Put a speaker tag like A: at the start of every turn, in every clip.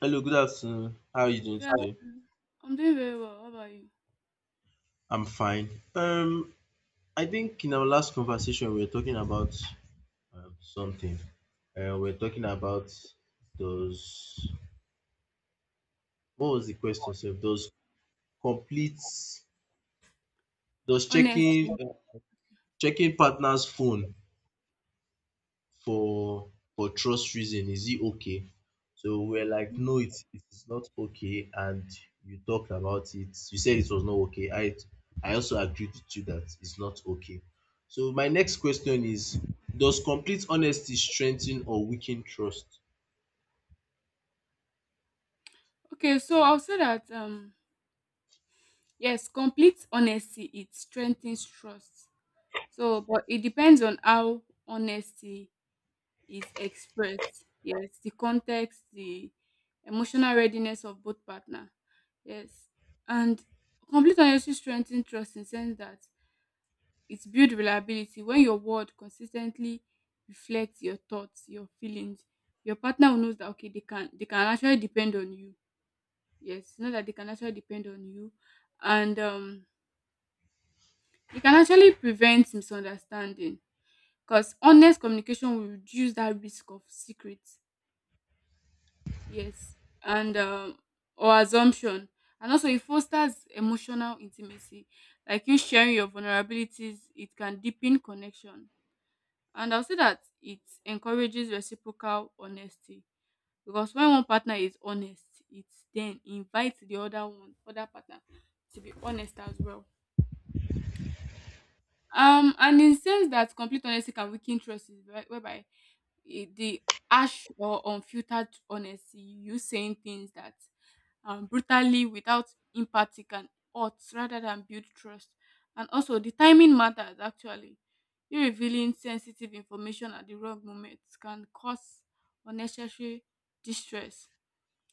A: Hello, good afternoon. How are you doing
B: Yeah,
A: today?
B: I'm doing very well. How about you?
A: I'm fine. Um, I think in our last conversation we were talking about something. We were talking about those. What was the question? Sir? Those complete. Those
B: Honesty.
A: checking checking partner's phone for for trust reason, is it okay? So we're like
B: Hmm.
A: no, it is not okay, and you talked about it, you said it was not okay. I also agreed with you that it's not okay. So my next question is, does complete honesty strengthen or weaken trust?
B: Okay, so I'll say that yes, complete honesty it strengthens trust. So, but it depends on how honesty is expressed. Yes, the context, the emotional readiness of both partner. Yes, and complete honesty strengthens trust in sense that it builds reliability when your word consistently reflects your thoughts, your feelings. Your partner will knows that okay they can actually depend on you. Yes, know that they can actually depend on you, and it can actually prevent misunderstanding. Cause honest communication will reduce that risk of secrets. Yes, and or assumption, and also it fosters emotional intimacy. Like you sharing your vulnerabilities, it can deepen connection. And I'll say that it encourages reciprocal honesty, because when one partner is honest, it then invites the other one, other partner to be honest as well. And in sense that complete honesty can weaken trust is whereby the harsh or unfiltered honesty, you saying things that brutally without empathy can hurt rather than build trust. And also, the timing matters actually. You revealing sensitive information at the wrong moment can cause unnecessary distress,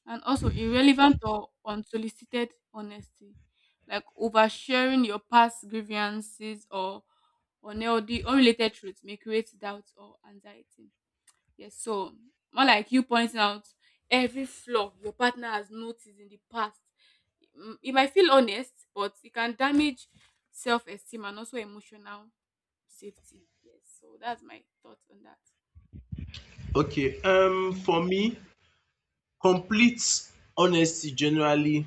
B: and also irrelevant or unsolicited honesty, like oversharing your past grievances or unhealthy, unrelated truths may create doubt or anxiety. Yes, so more like you pointing out every flaw your partner has noticed in the past. Mm, it might feel honest, but it can damage self esteem and also emotional safety. Yes, so that's my thoughts on that.
A: Okay, for me, complete honesty generally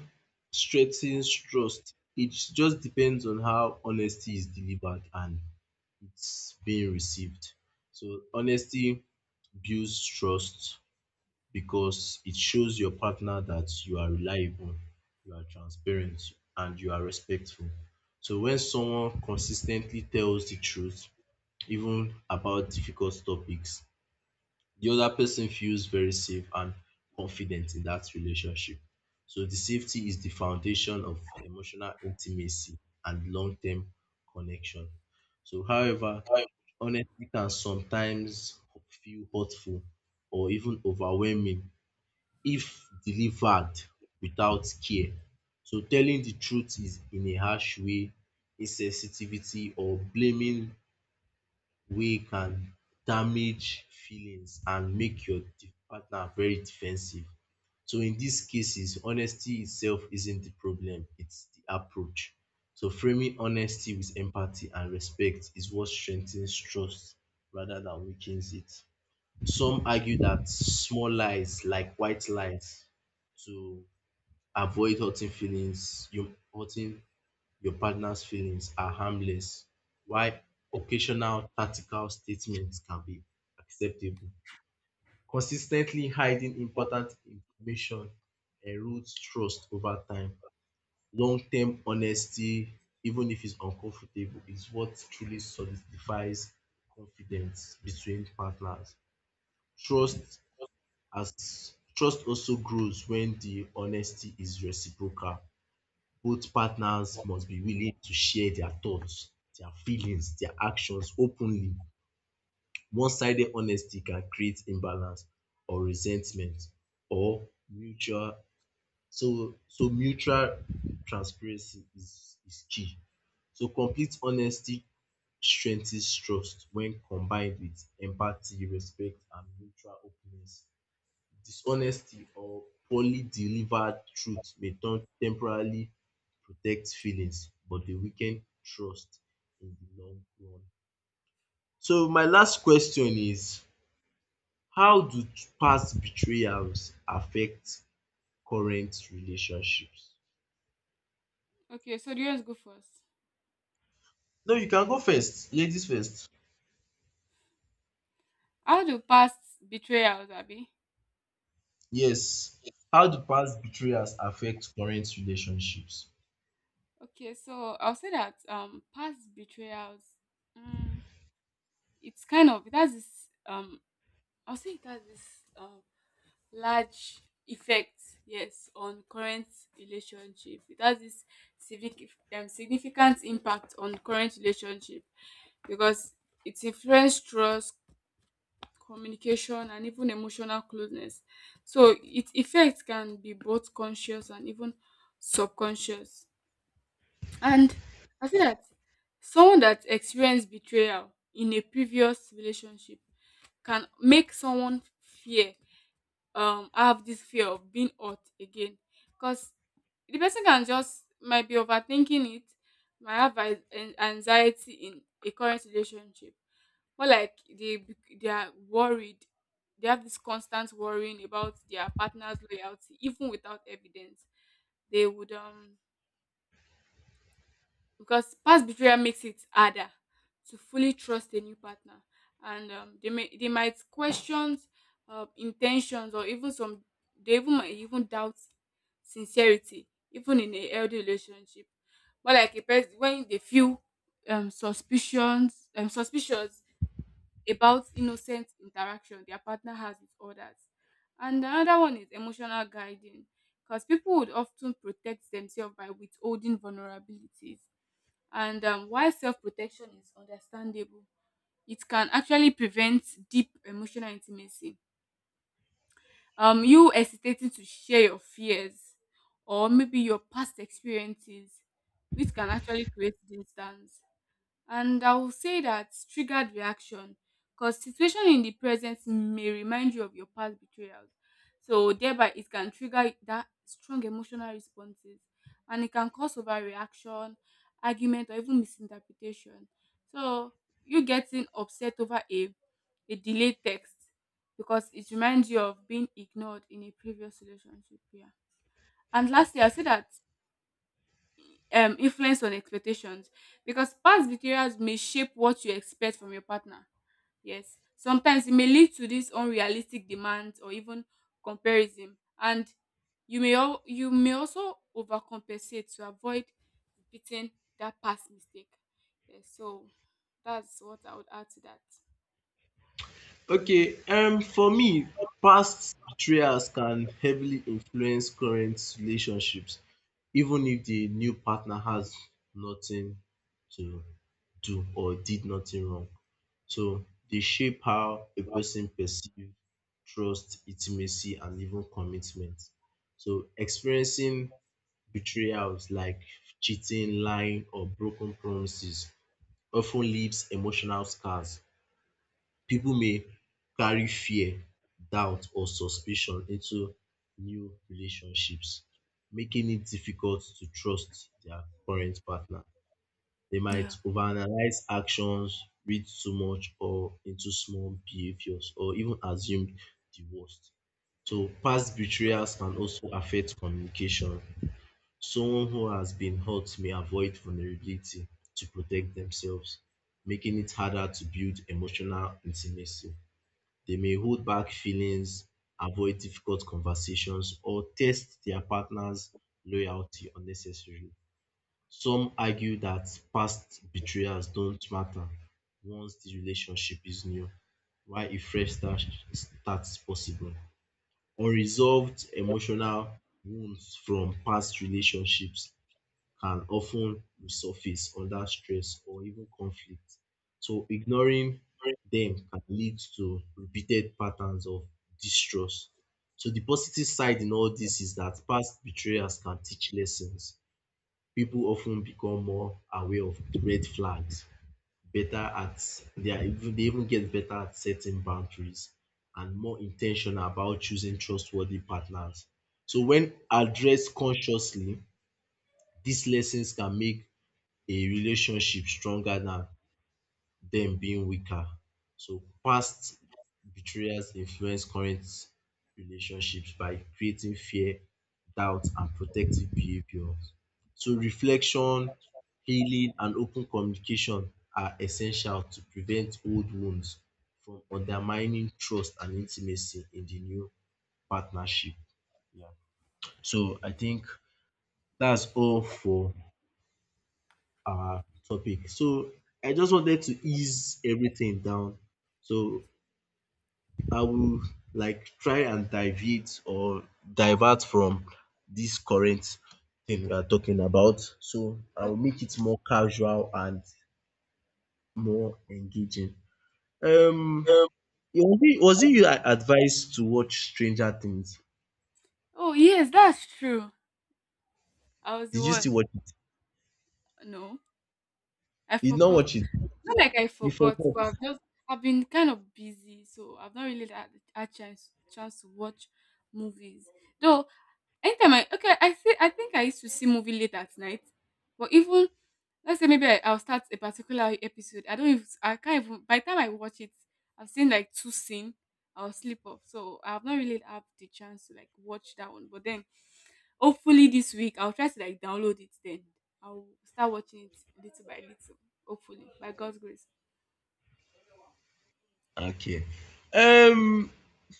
A: strengthens trust. It just depends on how honesty is delivered and being received. So honesty builds trust because it shows your partner that you are reliable, you are transparent, and you are respectful. So when someone consistently tells the truth, even about difficult topics, the other person feels very safe and confident in that relationship. So the safety is the foundation of emotional intimacy and long-term connection. So however, honesty can sometimes feel hurtful or even overwhelming if delivered without care. So telling the truth is in a harsh way, insensitivity or blaming wey can damage feelings and make your partner very defensive. So in these cases, honesty itself isn't the problem, it's the approach. So framing honesty with empathy and respect is what strengthens trust rather than weakens it. Some argue that small lies like white lies to avoid hurting feelings, you hurting your partner's feelings, are harmless, while occasional tactical statements can be acceptable. Consistently hiding important information erodes trust over time. Long-term honesty, even if it's uncomfortable, is what truly solidifies confidence between partners. Trust Trust also grows when the honesty is reciprocal. Both partners must be willing to share their thoughts, their feelings, their actions openly. One sided honesty can create imbalance or resentment or mutual so so mutual transparency is key. So complete honesty strengthens trust when combined with empathy, respect and mutual openness. Dishonesty or poorly delivered truth may turn temporarily protect feelings, but they weaken trust in the long run. So my last question is, how do past betrayals affect current relationships?
B: Okay, so do you want to go first?
A: No, you can go first, ladies first.
B: How do past betrayals, Abby?
A: Yes, how do past betrayals affect current relationships?
B: Okay, so I'll say that past betrayals, mm, it's kind of it has this I'll say it has this um large effect, yes, on current relationship. It has this civic significant impact on current relationship because it influences trust, communication, and even emotional closeness. So its effect can be both conscious and even subconscious. And I feel that someone that experienced betrayal in a previous relationship can make someone fear, have this fear of being hurt again. Because the person can just might be overthinking it, might have anxiety in a current relationship. More like they are worried. They have this constant worrying about their partner's loyalty, even without evidence. They would because past betrayal makes it harder to fully trust a new partner, and they may they might question intentions, or even some they even might even doubt sincerity even in a healthy relationship, more like a person when they feel suspicions suspicious about innocent interaction their partner has with others. And another one is emotional guiding, because people would often protect themselves by withholding vulnerabilities, and while self protection is understandable, it can actually prevent deep emotional intimacy. You hesitating to share your fears or maybe your past experiences, which can actually create distance. And I will say that triggered reaction, because situation in the present may remind you of your past betrayals. So thereby it can trigger that strong emotional responses, and it can cause overreaction, argument or even misinterpretation. So you getting upset over a delayed text because it reminds you of being ignored in a previous relationship. Yeah. And lastly, I say that influence on expectations, because past betrayals may shape what you expect from your partner. Yes, sometimes it may lead to these unrealistic demands or even comparison, and you may also overcompensate to avoid repeating that past mistake. Yes, so that's what I would add to that.
A: Okay, for me, past betrayals can heavily influence current relationships, even if the new partner has nothing to do or did nothing wrong. So they shape how a person perceives trust, intimacy, and even commitment. So experiencing betrayals like cheating, lying, or broken promises often leaves emotional scars. People may carry fear, doubt or suspicion into new relationships, making it difficult to trust their current partner. They might
B: Yeah.
A: overanalyze actions, read too much or into small behaviors, or even assume the worst. So, past betrayals can also affect communication. Someone who has been hurt may avoid vulnerability to protect themselves, making it harder to build emotional intimacy. They may hold back feelings, avoid difficult conversations, or test their partner's loyalty unnecessarily. Some argue that past betrayals don't matter once the relationship is new, while a fresh start starts possible. Unresolved emotional wounds from past relationships can often resurface under stress or even conflict. So ignoring
B: Okay.
A: them can lead to repeated patterns of distrust. So the positive side in all this is that past betrayals can teach lessons. People often become more aware of the red flags, better at they are even they even get better at setting boundaries and more intentional about choosing trustworthy partners. So when addressed consciously, these lessons can make a relationship stronger than them being weaker. So past betrayals influence current relationships by creating fear, doubt, and protective behaviors. So reflection, healing, and open communication are essential to prevent old wounds from undermining trust and intimacy in the new partnership. Yeah. So I think that's all for our topic. So I just wanted to ease everything down. So I will like try and deviate or divert from this current thing we are talking about. So I will make it more casual and more engaging. Um,
B: Um.
A: was it you that advised to watch Stranger Things?
B: Oh yes, that's true. I was the
A: Did you still
B: one.
A: watch it?
B: No, I
A: Did not
B: forgot.
A: watch it.
B: Not like I
A: You
B: forgot,
A: forgot.
B: but I've just I've been kind of busy, so I've not really had a chance to watch movies. Though anytime I okay, I see I think I used to see movie late at night, but even let's say maybe I'll start a particular episode. I don't even I can't even by the time I watch it, I've seen like two scene. I'll sleep off, so I've not really had the chance to like watch that one. But then hopefully this week I'll try to like download it. Then I'll start watching it little by little. Hopefully, by God's grace.
A: Okay. Um,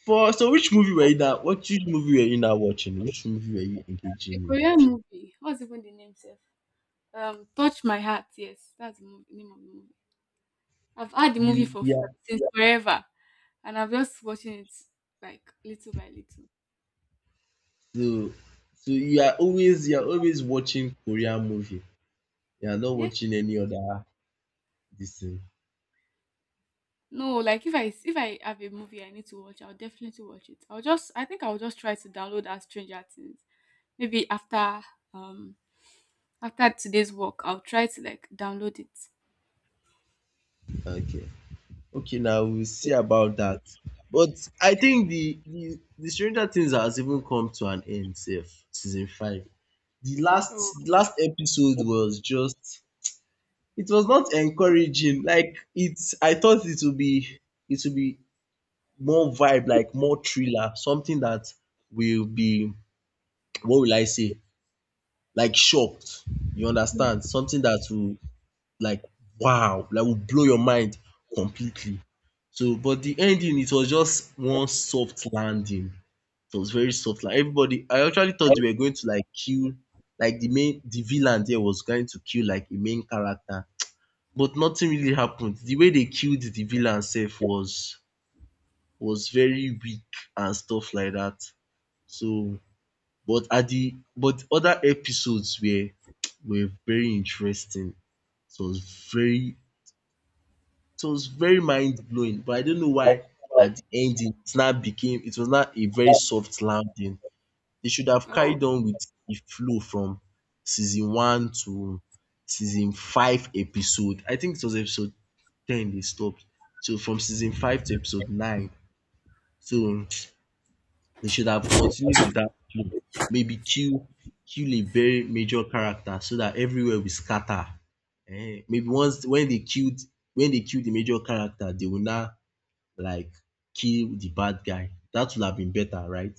A: for so which movie were you now? What which movie were you now watching? Which movie were you engaging
B: A
A: in?
B: Korean movie. What's even the name sef? Touch My Heart. Yes, that's the name of the movie. I've had the movie
A: You yeah.
B: since forever, and I'm just watching it like little by little.
A: So you are always watching Korean movie. You are not
B: Yes.
A: watching any other this thing.
B: No, like if I have a movie I need to watch, I'll definitely watch it. I'll just I think I'll just try to download that Stranger Things. Maybe after um after today's work, I'll try to like download it.
A: Okay. Okay. Now we'll see about that. But I think the Stranger Things has even come to an end. Safe season five. The
B: Oh.
A: last last episode was just it was not encouraging. Like it's I thought it would be more vibe, like more thriller, something that will be, what will I say? Like shocked. You
B: Mm.
A: understand? Something that will like, wow, like will blow your mind completely. So but the ending, it was just one soft landing. It was very soft. Like everybody, I actually thought they were going to like kill like the villain there was going to kill like a main character, but nothing really happened. The way they killed the villain sef was very weak and stuff like that. So but at the but other episodes were very interesting. So it was very, it was very mind blowing, but I don't know why at the ending it now became, it was not a very soft landing. They should have
B: Oh.
A: carried on with di flow from season one to season five, episode, I think it was episode ten, they stopped. So from season five to episode nine, so they should have continued with that flow. Maybe kill, kill a very major character so that everywhere will scatter. Ehen, maybe once when they killed the major character, they will now like kill the bad guy. That would have been better, right?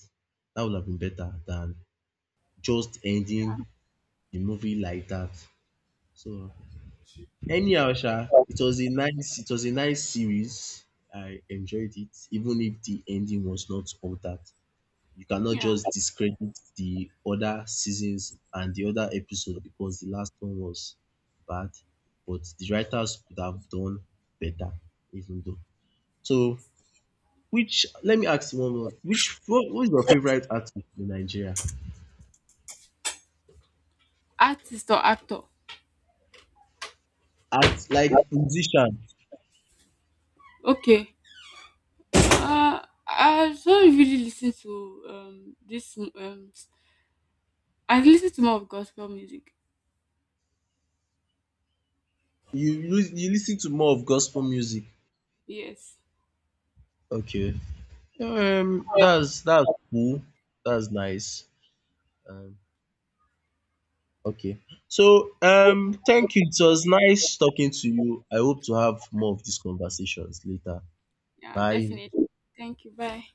A: That would have been better than just ending the movie like that. So anyhow sha, it was a nice, it was a nice series. I enjoyed it even if the ending was not all that. You cannot
B: Yeah.
A: just discredit the other seasons and the other episode because the last one was bad, but the writers could have done better even though. So which, let me ask you one more. Which What, who is your favourite artist in Nigeria?
B: Artist or actor?
A: Art, like musician?
B: Okay. Uh, I don't really listen to this I listen to more of gospel music.
A: You listen to more of gospel music?
B: Yes.
A: Okay. That's cool. That's nice. Um, okay. So, thank you. It was nice talking to you. I hope to have more of these conversations later.
B: Yeah,
A: Bye.
B: definitely. Thank you. Bye.